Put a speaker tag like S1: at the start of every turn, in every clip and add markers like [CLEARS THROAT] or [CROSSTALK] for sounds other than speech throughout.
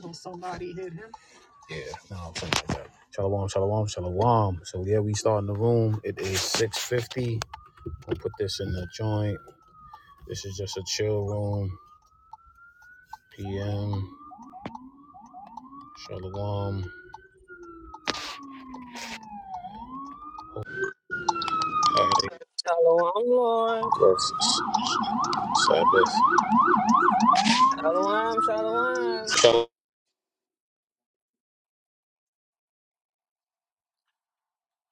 S1: When somebody hit him. Yeah, no, something like that. Shalom, shalom, shalom. So yeah, we start in the room. It is six fifty. We'll put this in the joint. This is just a chill room. PM. Shalom. Alright,
S2: Shalom, Lord.
S1: Versus Sabbath.
S2: Shalom, shalom.
S1: Shalom.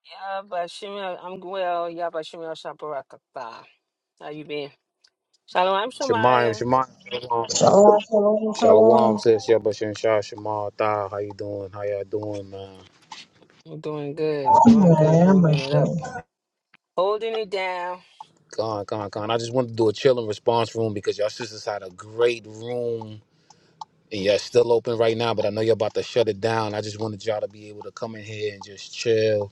S2: Yeah, Yabashimia, I'm well. Yeah, Yabashimia Shaparakata. How you been? Shalom,
S1: Shemayim,
S2: Shamaya.
S1: Shemayim, Shalom.
S3: Shalom, shalom,
S1: Shalom,
S3: shalom.
S1: sis. Yeah, but Shah Shema Tha. How you doing? How y'all doing, man?
S2: I'm doing good. I'm
S3: I'm
S2: doing
S3: going
S2: good.
S3: my
S2: Holding it up.
S3: thing.
S2: Holding it down.
S1: Con, con, con. I just wanted to do a chill and response room because y'all sisters had a great room And yeah, it's still open right now, but I know you're about to shut it down. I just wanted y'all to be able to come in here and just chill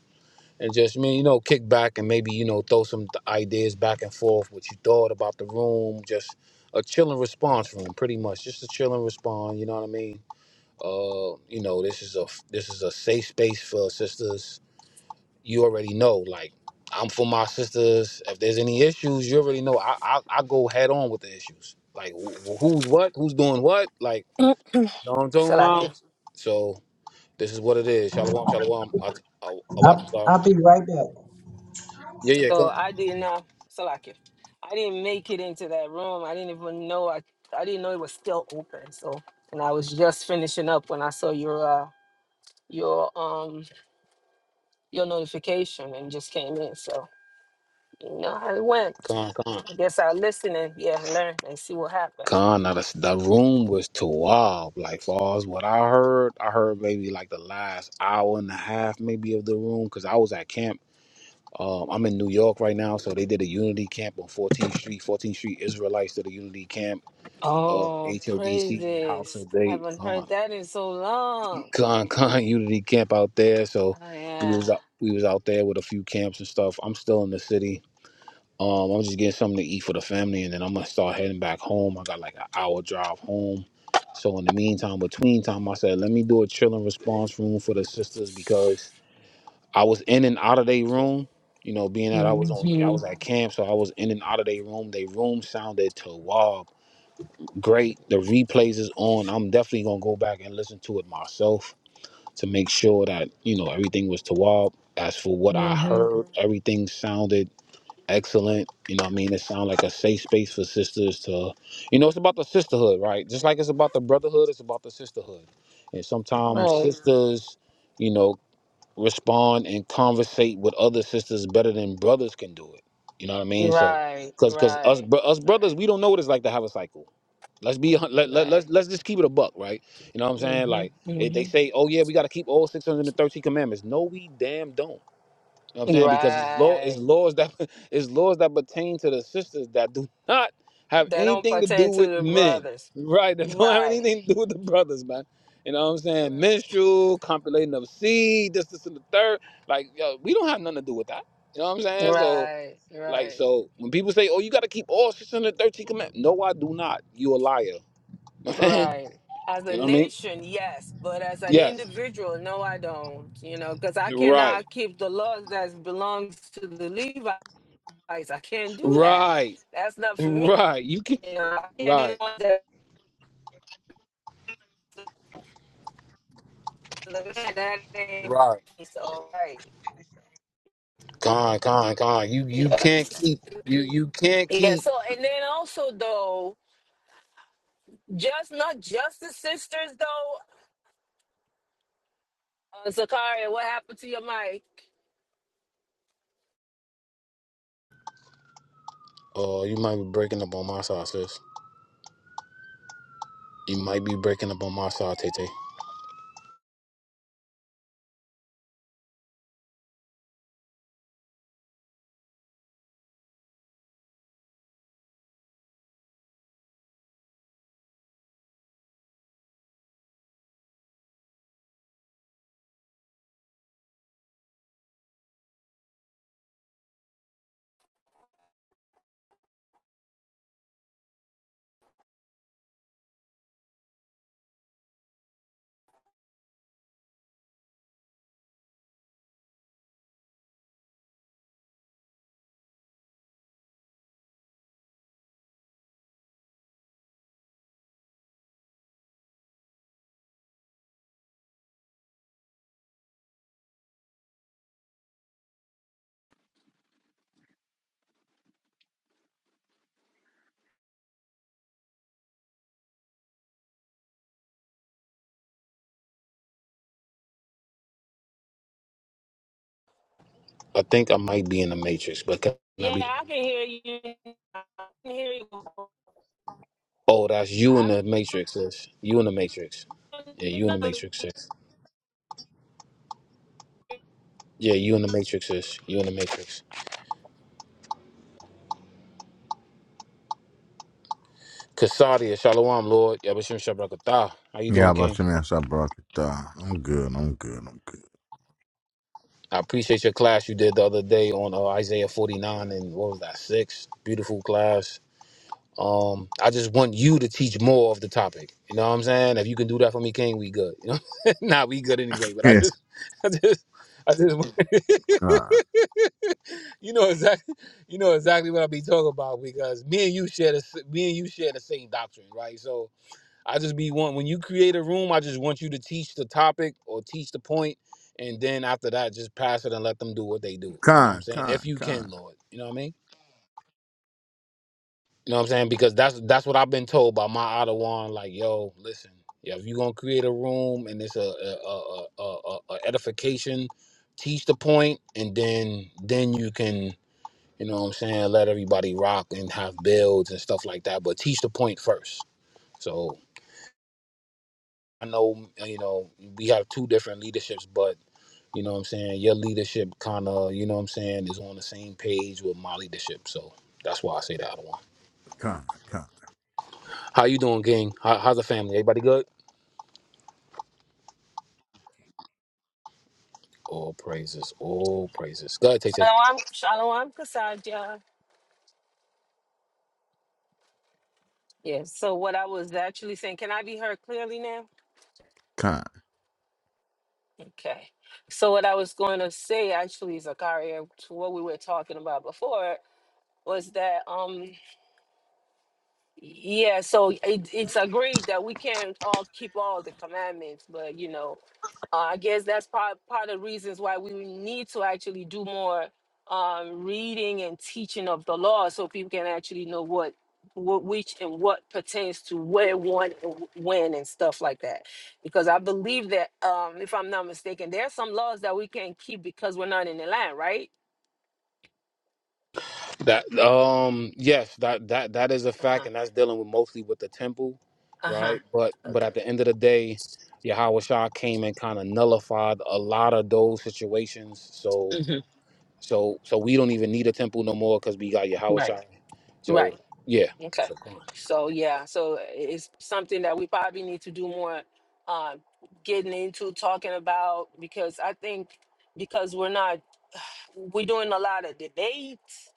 S1: and just, I mean, you know, kick back and maybe, you know, throw some th- ideas back and forth, what you thought about the room, just a chill and response room, pretty much. Just a chill and respond, you know what I mean? Uh, you know, this is a this is a safe space for sisters. You already know, like I'm for my sisters. If there's any issues, you already know. I I, I go head on with the issues. Like wh- who's what, who's doing what, like Know what I'm talking
S2: Salakia.
S1: about? So this is what it is. Shalom, shalom. I, I, I watch
S3: I'll,
S1: star.
S3: I'll be right back.
S1: yeah, yeah.
S2: So
S1: Come,
S2: I didn't know. Salakia. I didn't make it into that room. I didn't even know. I, I didn't know it was still open. So, and I was just finishing up when I saw your, uh, your, um, your notification and just came in. So You know how it went.
S1: come, come.
S2: I guess I'll listen and yeah, learn and see what happened.
S1: Con, now the, the room was too wild. Like, far as what I heard, I heard maybe like the last hour and a half, maybe of the room, because I was at camp. Um, I'm in New York right now, so they did a unity camp on 14th Street. 14th Street Israelites did a unity camp. Uh,
S2: Oh,
S1: HODC House
S2: praises.
S1: of
S2: I
S1: David.
S2: haven't heard that in so long.
S1: Khan Khan Unity camp out there. So
S2: Oh
S1: we
S2: yeah.
S1: was out, we was out there with a few camps and stuff. I'm still in the city. Um, I'm just getting something to eat for the family, and then I'm gonna start heading back home. I got like an hour drive home. So in the meantime, between time, I said let me do a chill and response room for the sisters because I was in and out of their room. You know, being that I was on, I was
S2: Mm-hmm.
S1: at camp, so I was in and out of their room. Their room sounded to wow, great. The replays is on. I'm definitely gonna go back and listen to it myself to make sure that you know everything was tawab. As for what I
S2: Mm-hmm.
S1: heard, everything sounded excellent. You know, what I mean, it sounded like a safe space for sisters to, you know, it's about the sisterhood, right? Just like it's about the brotherhood, it's about the sisterhood. And sometimes
S2: Right.
S1: sisters, you know, respond and conversate with other sisters better than brothers can do it. You know what I mean? So,
S2: right.
S1: because because us
S2: right.
S1: bro- us brothers,
S2: Right.
S1: we don't know what it's like to have a cycle. Let's be hun- let, let let's
S2: Right.
S1: let's just keep it a buck, right? You know what I'm saying? Like
S2: Mm-hmm.
S1: if they
S2: Mm-hmm.
S1: say, oh yeah, we got to keep all 613 commandments. No, we damn don't. You know what I'm saying? Because it's law it's
S2: right.
S1: laws that [LAUGHS] it's laws that pertain to the sisters that do [LAUGHS] not have
S2: That don't
S1: anything to do
S2: pertain to
S1: with
S2: the
S1: men.
S2: brothers.
S1: Right, [LAUGHS] that don't have
S2: Right.
S1: anything to do with the brothers, man. You know what I'm saying? Menstrual, copulating of seed, this, this, and the third. Like, yo, we don't have nothing to do with that. You know what I'm
S2: Right.
S1: saying? So,
S2: Right.
S1: like,
S2: Right.
S1: so when people say, oh, you got to keep all 613 commandments. No, I do not. You a liar. [LAUGHS] you know
S2: Right. As a
S1: what I mean?
S2: nation, yes, but as an
S1: Yes.
S2: individual, no, I don't. You know, because I
S1: Right.
S2: cannot keep the laws that belongs to the Levites. I can't do that.
S1: Right. [LAUGHS]
S2: That's not for me.
S1: Right. You can.
S2: You know, I can't do
S1: Right.
S2: that. to The man that ain't
S1: Right.
S2: it's all right. Mhm.
S1: God, God, God, you you can't
S2: Yes.
S1: keep you
S2: [CLEARS THROAT]
S1: you can't
S2: yeah.
S1: keep.
S2: So, and then also though, just not just the sisters though. Uh, Zakaria, what happened to your mic?
S1: Oh, you might be breaking up on my side, sis. You might be breaking up on my side, Tay Tay. I think I might be in the matrix, but can I
S2: Yeah,
S1: be?
S2: I can hear you. I can hear you.
S1: Oh, that's you in
S2: I
S1: the matrix, sis. You in the matrix. Yeah, you in the matrix, sis. Yeah, you in the matrix, sis. You in the matrix. Kasadia, Shalom, Lord. Yabashim Shabrakatah. How you
S4: Yeah,
S1: doing,
S4: I'm about
S1: King?
S4: to me, I brought I'm good. I'm good. I'm good.
S1: I appreciate your class you did the other day on uh, Isaiah 49 and what was that, six? Beautiful class. Um, I just want you to teach more of the topic. You know what I'm saying? If you can do that for me, King, we good. You know, [LAUGHS] nah, we good anyway.
S4: [LAUGHS]
S1: But I
S4: Yes.
S1: just, [LAUGHS] I just, I just, want-
S4: Con,
S1: [LAUGHS] you know exactly, you know exactly what I be talking about because me and you share the, s- me and you share the same doctrine, right? So I just be one. When you create a room, I just want you to teach the topic or teach the point, and then after that, just pass it and let them do what they do. You know what I'm
S4: con,
S1: saying? If
S4: con,
S1: you
S4: con,
S1: can, Lord. You know what I mean? You know what I'm saying? Because that's that's what I've been told by my other one. Like, yo, listen, yeah, if you're gonna create a room and it's a a, a, a, a, a edification, teach the point, and then then you can, you know what I'm saying, let everybody rock and have builds and stuff like that. But teach the point first. So I know, you know, we have two different leaderships, but you know what I'm saying. Your leadership kind of, you know what I'm saying, is on the same page with my leadership. So that's why I say that other one.
S4: con, con,
S1: How you doing, gang? How, how's the family? Everybody good? All praises, all praises. Go ahead, Tay Tay.
S2: Shalom, shalom, Kasadia. Yeah, so what I was actually saying, can I be heard clearly now?
S4: con.
S2: Okay. So what I was going to say actually, Zakaria, to what we were talking about before was that um Yeah, so it, it's agreed that we can't all keep all the commandments, but you know, uh, I guess that's part part of the reasons why we need to actually do more um, reading and teaching of the law, so people can actually know what what which and what pertains to where one and wh- when and stuff like that. Because I believe that um, if I'm not mistaken, there are some laws that we can't keep because we're not in the land, right?
S1: That um yes, that that that is a
S2: Uh
S1: fact,
S2: huh.
S1: and that's dealing with mostly with the temple,
S2: Uh huh.
S1: right? But but
S2: Okay.
S1: at the end of the day, Yahweh Shah came and kind of nullified a lot of those situations. So
S2: hmm
S1: so so we don't even need a temple no more because we got Yahweh
S2: Right.
S1: Shah.
S2: Right.
S1: So yeah,
S2: Okay. So yeah, so uh, it's something that we probably need to do more um getting into talking about because I think because we're not we're doing a lot of debates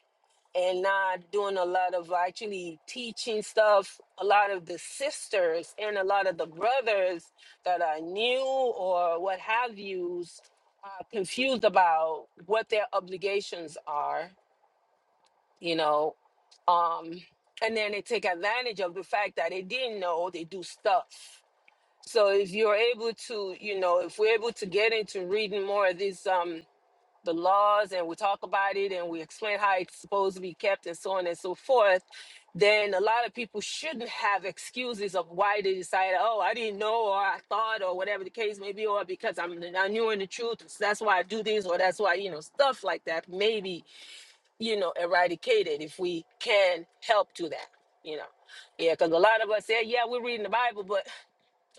S2: and not doing a lot of actually teaching stuff a lot of the sisters and a lot of the brothers that are new or what have yous are confused about what their obligations are you know um and then they take advantage of the fact that they didn't know they do stuff so if you're able to you know if we're able to get into reading more of these um the laws and we talk about it and we explain how it's supposed to be kept and so on and so forth then a lot of people shouldn't have excuses of why they decided oh i didn't know or i thought or whatever the case may be or because i'm not knew in the truth so that's why i do this or that's why you know stuff like that Maybe you know, eradicated if we can help to that, you know. Yeah, because a lot of us say, yeah, we're reading the Bible, but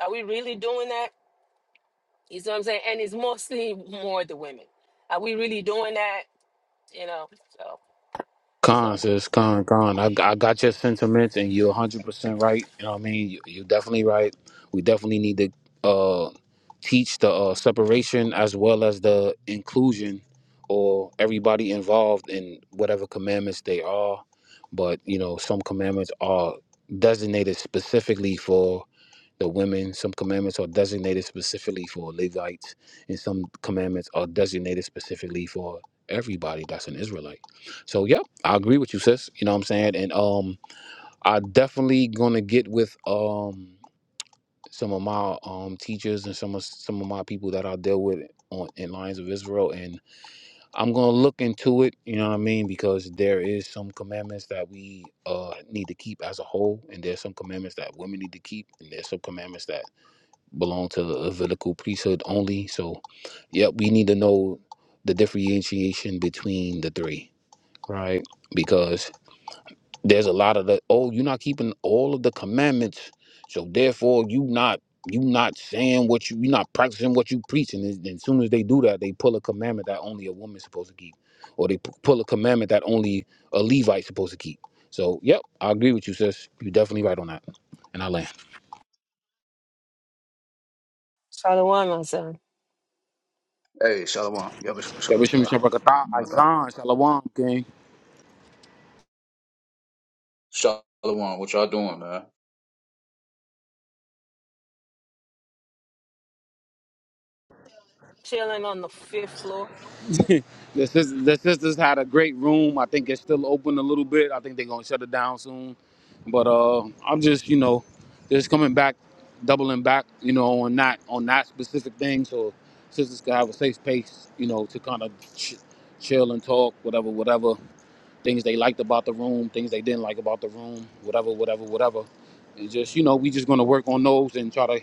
S2: are we really doing that? You see what I'm saying? And it's mostly [LAUGHS] more the women. Are we really doing that? You know, so, so,
S1: Con says con con. I, I got your sentiments, and you're 100 percent right. You know what I mean? You, you're definitely right. We definitely need to uh, teach the uh, separation as well as the inclusion, or everybody involved in whatever commandments they are. But you know, some commandments are designated specifically for the women. Some commandments are designated specifically for Levites, and some commandments are designated specifically for everybody that's an Israelite. So yeah, I agree with you, sis. You know what I'm saying? And um I definitely gonna get with um some of my um teachers and some of some of my people that I deal with on in Lions of Israel and I'm gonna look into it, you know what I mean, because there is some commandments that we uh need to keep as a whole and there's some commandments that women need to keep and there's some commandments that belong to a Levitical priesthood only. So, yep, we need to know the differentiation between the three, right? Because there's a lot of the oh, you're not keeping all of the commandments, so therefore you not you not saying what you you're not practicing what you preaching. And as soon as they do that, they pull a commandment that only a woman's supposed to keep, or they pu- pull a commandment that only a Levite's supposed to keep. So, yep, I agree with you, sis. You're definitely right on that. And I land.
S2: Shalom, my son.
S5: Hey, Shalom. all
S1: Yeah, we should be
S5: Shabakatah.
S1: sure
S5: Mata.
S1: Shalom, King.
S5: Shalom. What y'all doing, man?
S2: Chilling on the fifth floor.
S1: The sisters, the sisters had a great room. I think it's still open a little bit. I think they're gonna shut it down soon. But uh, I'm just, you know, just coming back, doubling back, you know, on that on that specific thing, so sisters can have a safe space, you know, to kind of ch- chill and talk, whatever, whatever things they liked about the room, things they didn't like about the room, whatever, whatever, whatever. And just, you know, we just gonna work on those and try to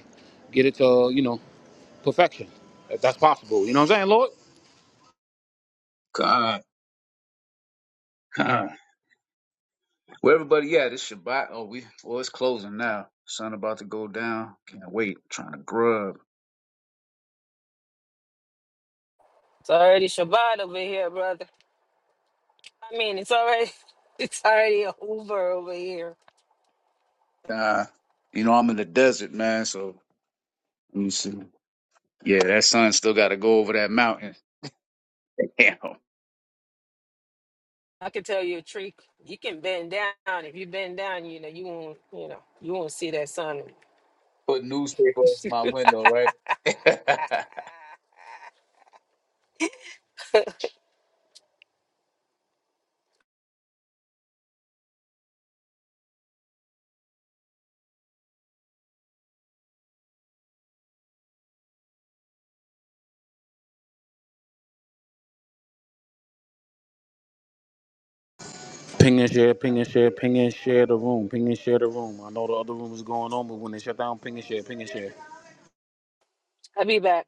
S1: get it to, you know, perfection, if that's possible. You know what I'm saying, Lord?
S5: God, God. Where everybody at? It's Shabbat. Oh, we, well, it's closing now. Sun about to go down. Can't wait. trying to grub.
S2: It's already Shabbat over here, brother. I mean, it's already, [LAUGHS] it's already over over here.
S5: God. You know, I'm in the desert, man, so let me see. Yeah, that sun still got to go over that mountain. [LAUGHS] Damn.
S2: I can tell you a trick. You can bend down. If you bend down, you know, you won't, you know, you won't see that sun.
S5: Put newspaper in my
S2: [LAUGHS]
S5: window, right? [LAUGHS]
S1: Ping and share, ping and share, ping and share the room, ping and share the room. I know the other room is going on, but when they shut down, ping and share, ping and share.
S2: I'll be back.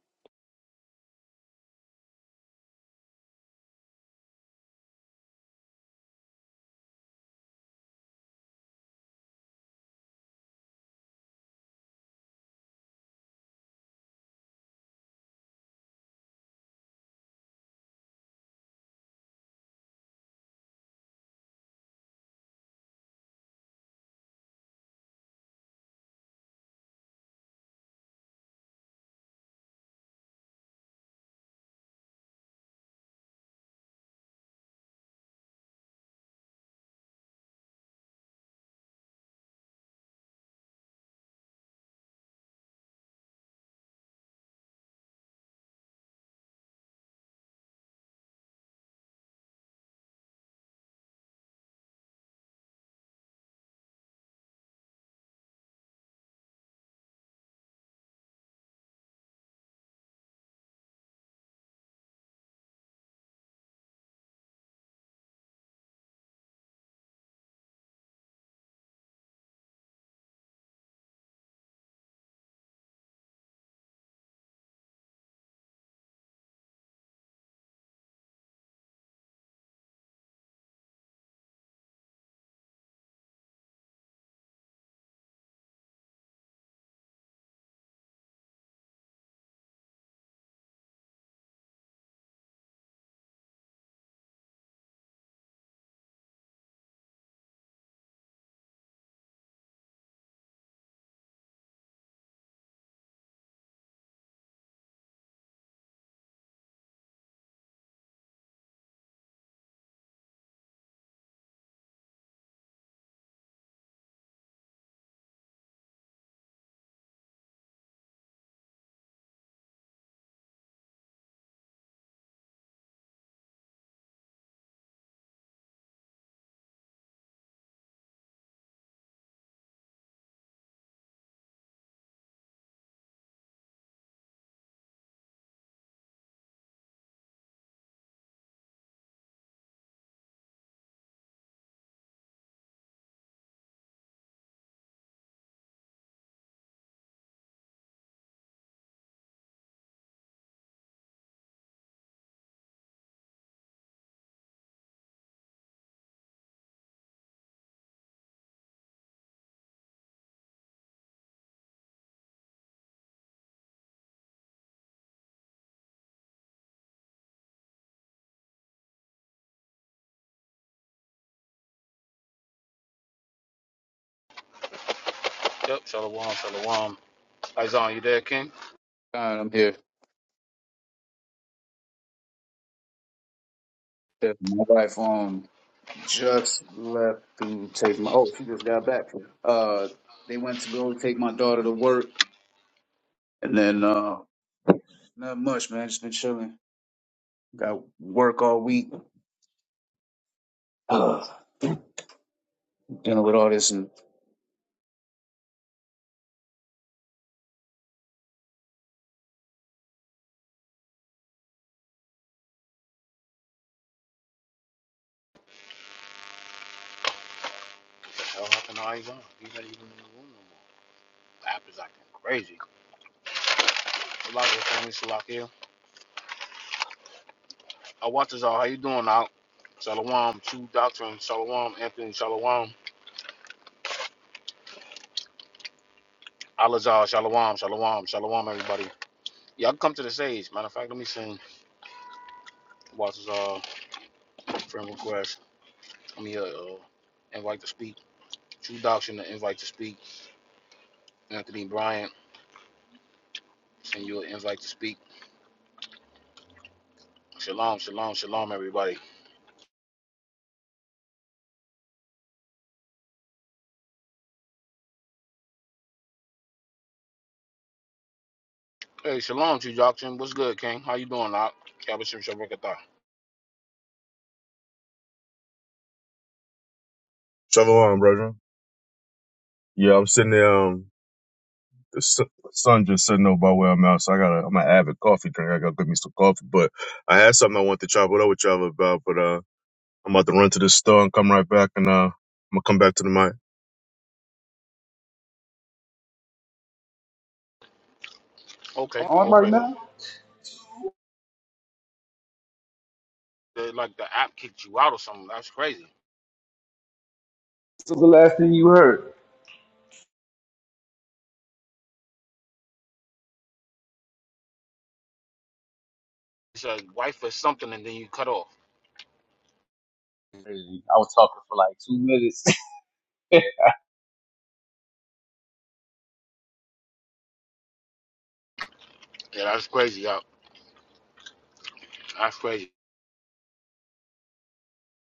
S1: Yep, shalom, shalom. Izan, you there, King?
S5: God, I'm here. My wife, um, Just left to take my. Oh, she just got back. Uh, they went to go take my daughter to work, and then uh, not much, man. Just been chilling. Got work all week. Ugh, dealing with all this and
S1: What the hell happened to Izan? He's not even in the room no more. The app is acting crazy. Salakia, family, Salakia. I watch this all. How you doing out? Shalom, True Doctrine, Shalom, Anthony, Shalom, Alazar, Shalom, Shalom, Shalom, everybody. Y'all come to the stage. Matter of fact, let me sing Watch this all. friend request. Let me uh, uh, invite to speak. True Doctrine, an invite to speak. Anthony Bryant, send you an invite to speak. Shalom, shalom, shalom, everybody. Hey, shalom, True Doctrine. What's good, King? How you doing, Doc? Kabashim Shabrakata.
S6: Shalom, brethren. Yeah, I'm sitting there. Um, the su- sun just setting over by where I'm at, so I got. to I'm an avid coffee drinker. I got to get me some coffee. But I had something I want to chop it up with y'all about. But uh, I'm about to run to the store and come right back, and uh, I'm gonna come back to the mic.
S1: Okay,
S5: On
S1: all
S5: right
S1: praises.
S5: now?
S1: Like the app kicked you out or something. That's crazy.
S5: This was the last thing you heard.
S1: It's a wife or something, and then you cut off.
S5: Crazy. I was talking for like two minutes.
S1: Yeah, that's crazy, y'all. That's crazy.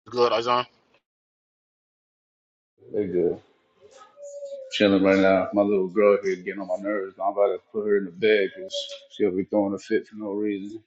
S1: Good, Azan.
S5: [LAUGHS] Nigga. Chilling right now. My little girl here getting on my nerves. I'm about to put her in the bed because she'll be throwing a fit for no reason.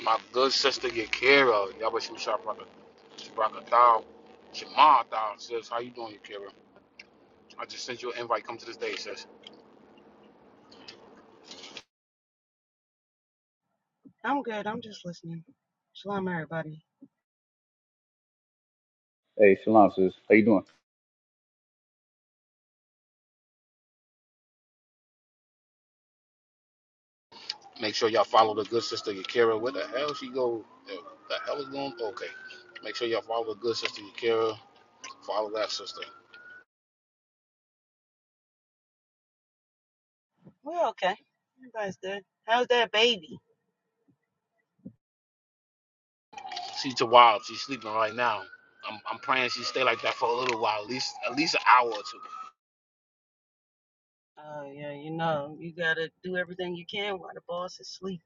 S1: My good sister Yakira, Yabashim Shabrakata. Shabrakata. Shema, thou, sis. How you doing, Yakira? I just sent you an invite. Come to the stage, sis.
S7: I'm good. I'm just listening. Shalom, everybody.
S5: Hey, Shalom sis. How you doing?
S1: Make sure y'all follow the good sister Yakira. Where the hell she go? The hell is going? Okay. Make sure y'all follow the good sister Yakira. Follow that sister.
S7: We're okay. Everybody's good. How's that baby?
S1: She's too wild. She's sleeping right now. I'm, I'm praying she stay like that for a little while, at least at least an hour or two.
S7: Oh yeah, you know, you gotta do everything you can while the boss is asleep.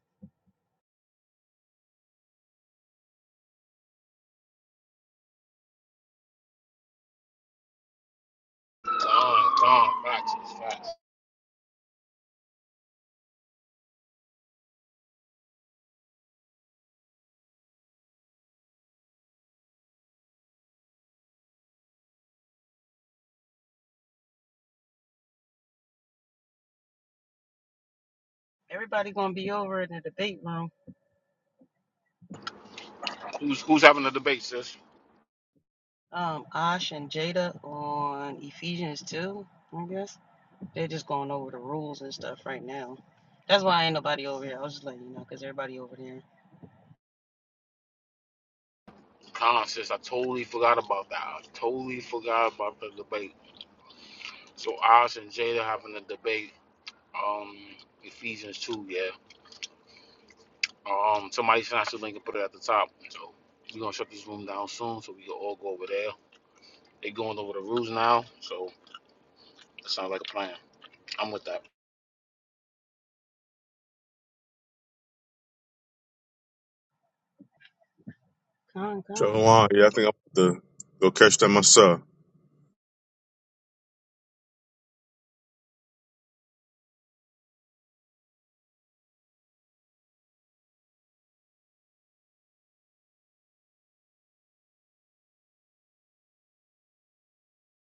S1: Con, con, facts, facts.
S7: Everybody gonna be over in the debate room.
S1: Who's who's having the debate, sis?
S7: Um, Ash and Jada on Ephesians two, I guess. They're just going over the rules and stuff right now. That's why ain't nobody over here. I was just letting you know, cause everybody over there.
S1: Con, sis. I totally forgot about that. I totally forgot about the debate. So Oz and Jada having the debate. Um, Ephesians two, yeah. Um, somebody sent us the link and put it at the top. So we're gonna shut this room down soon, so we can all go over there. They going over the rules now, so it sounds like a plan. I'm with that.
S7: Come, come.
S6: Shalom. Yeah, I think I'm about to go catch that myself.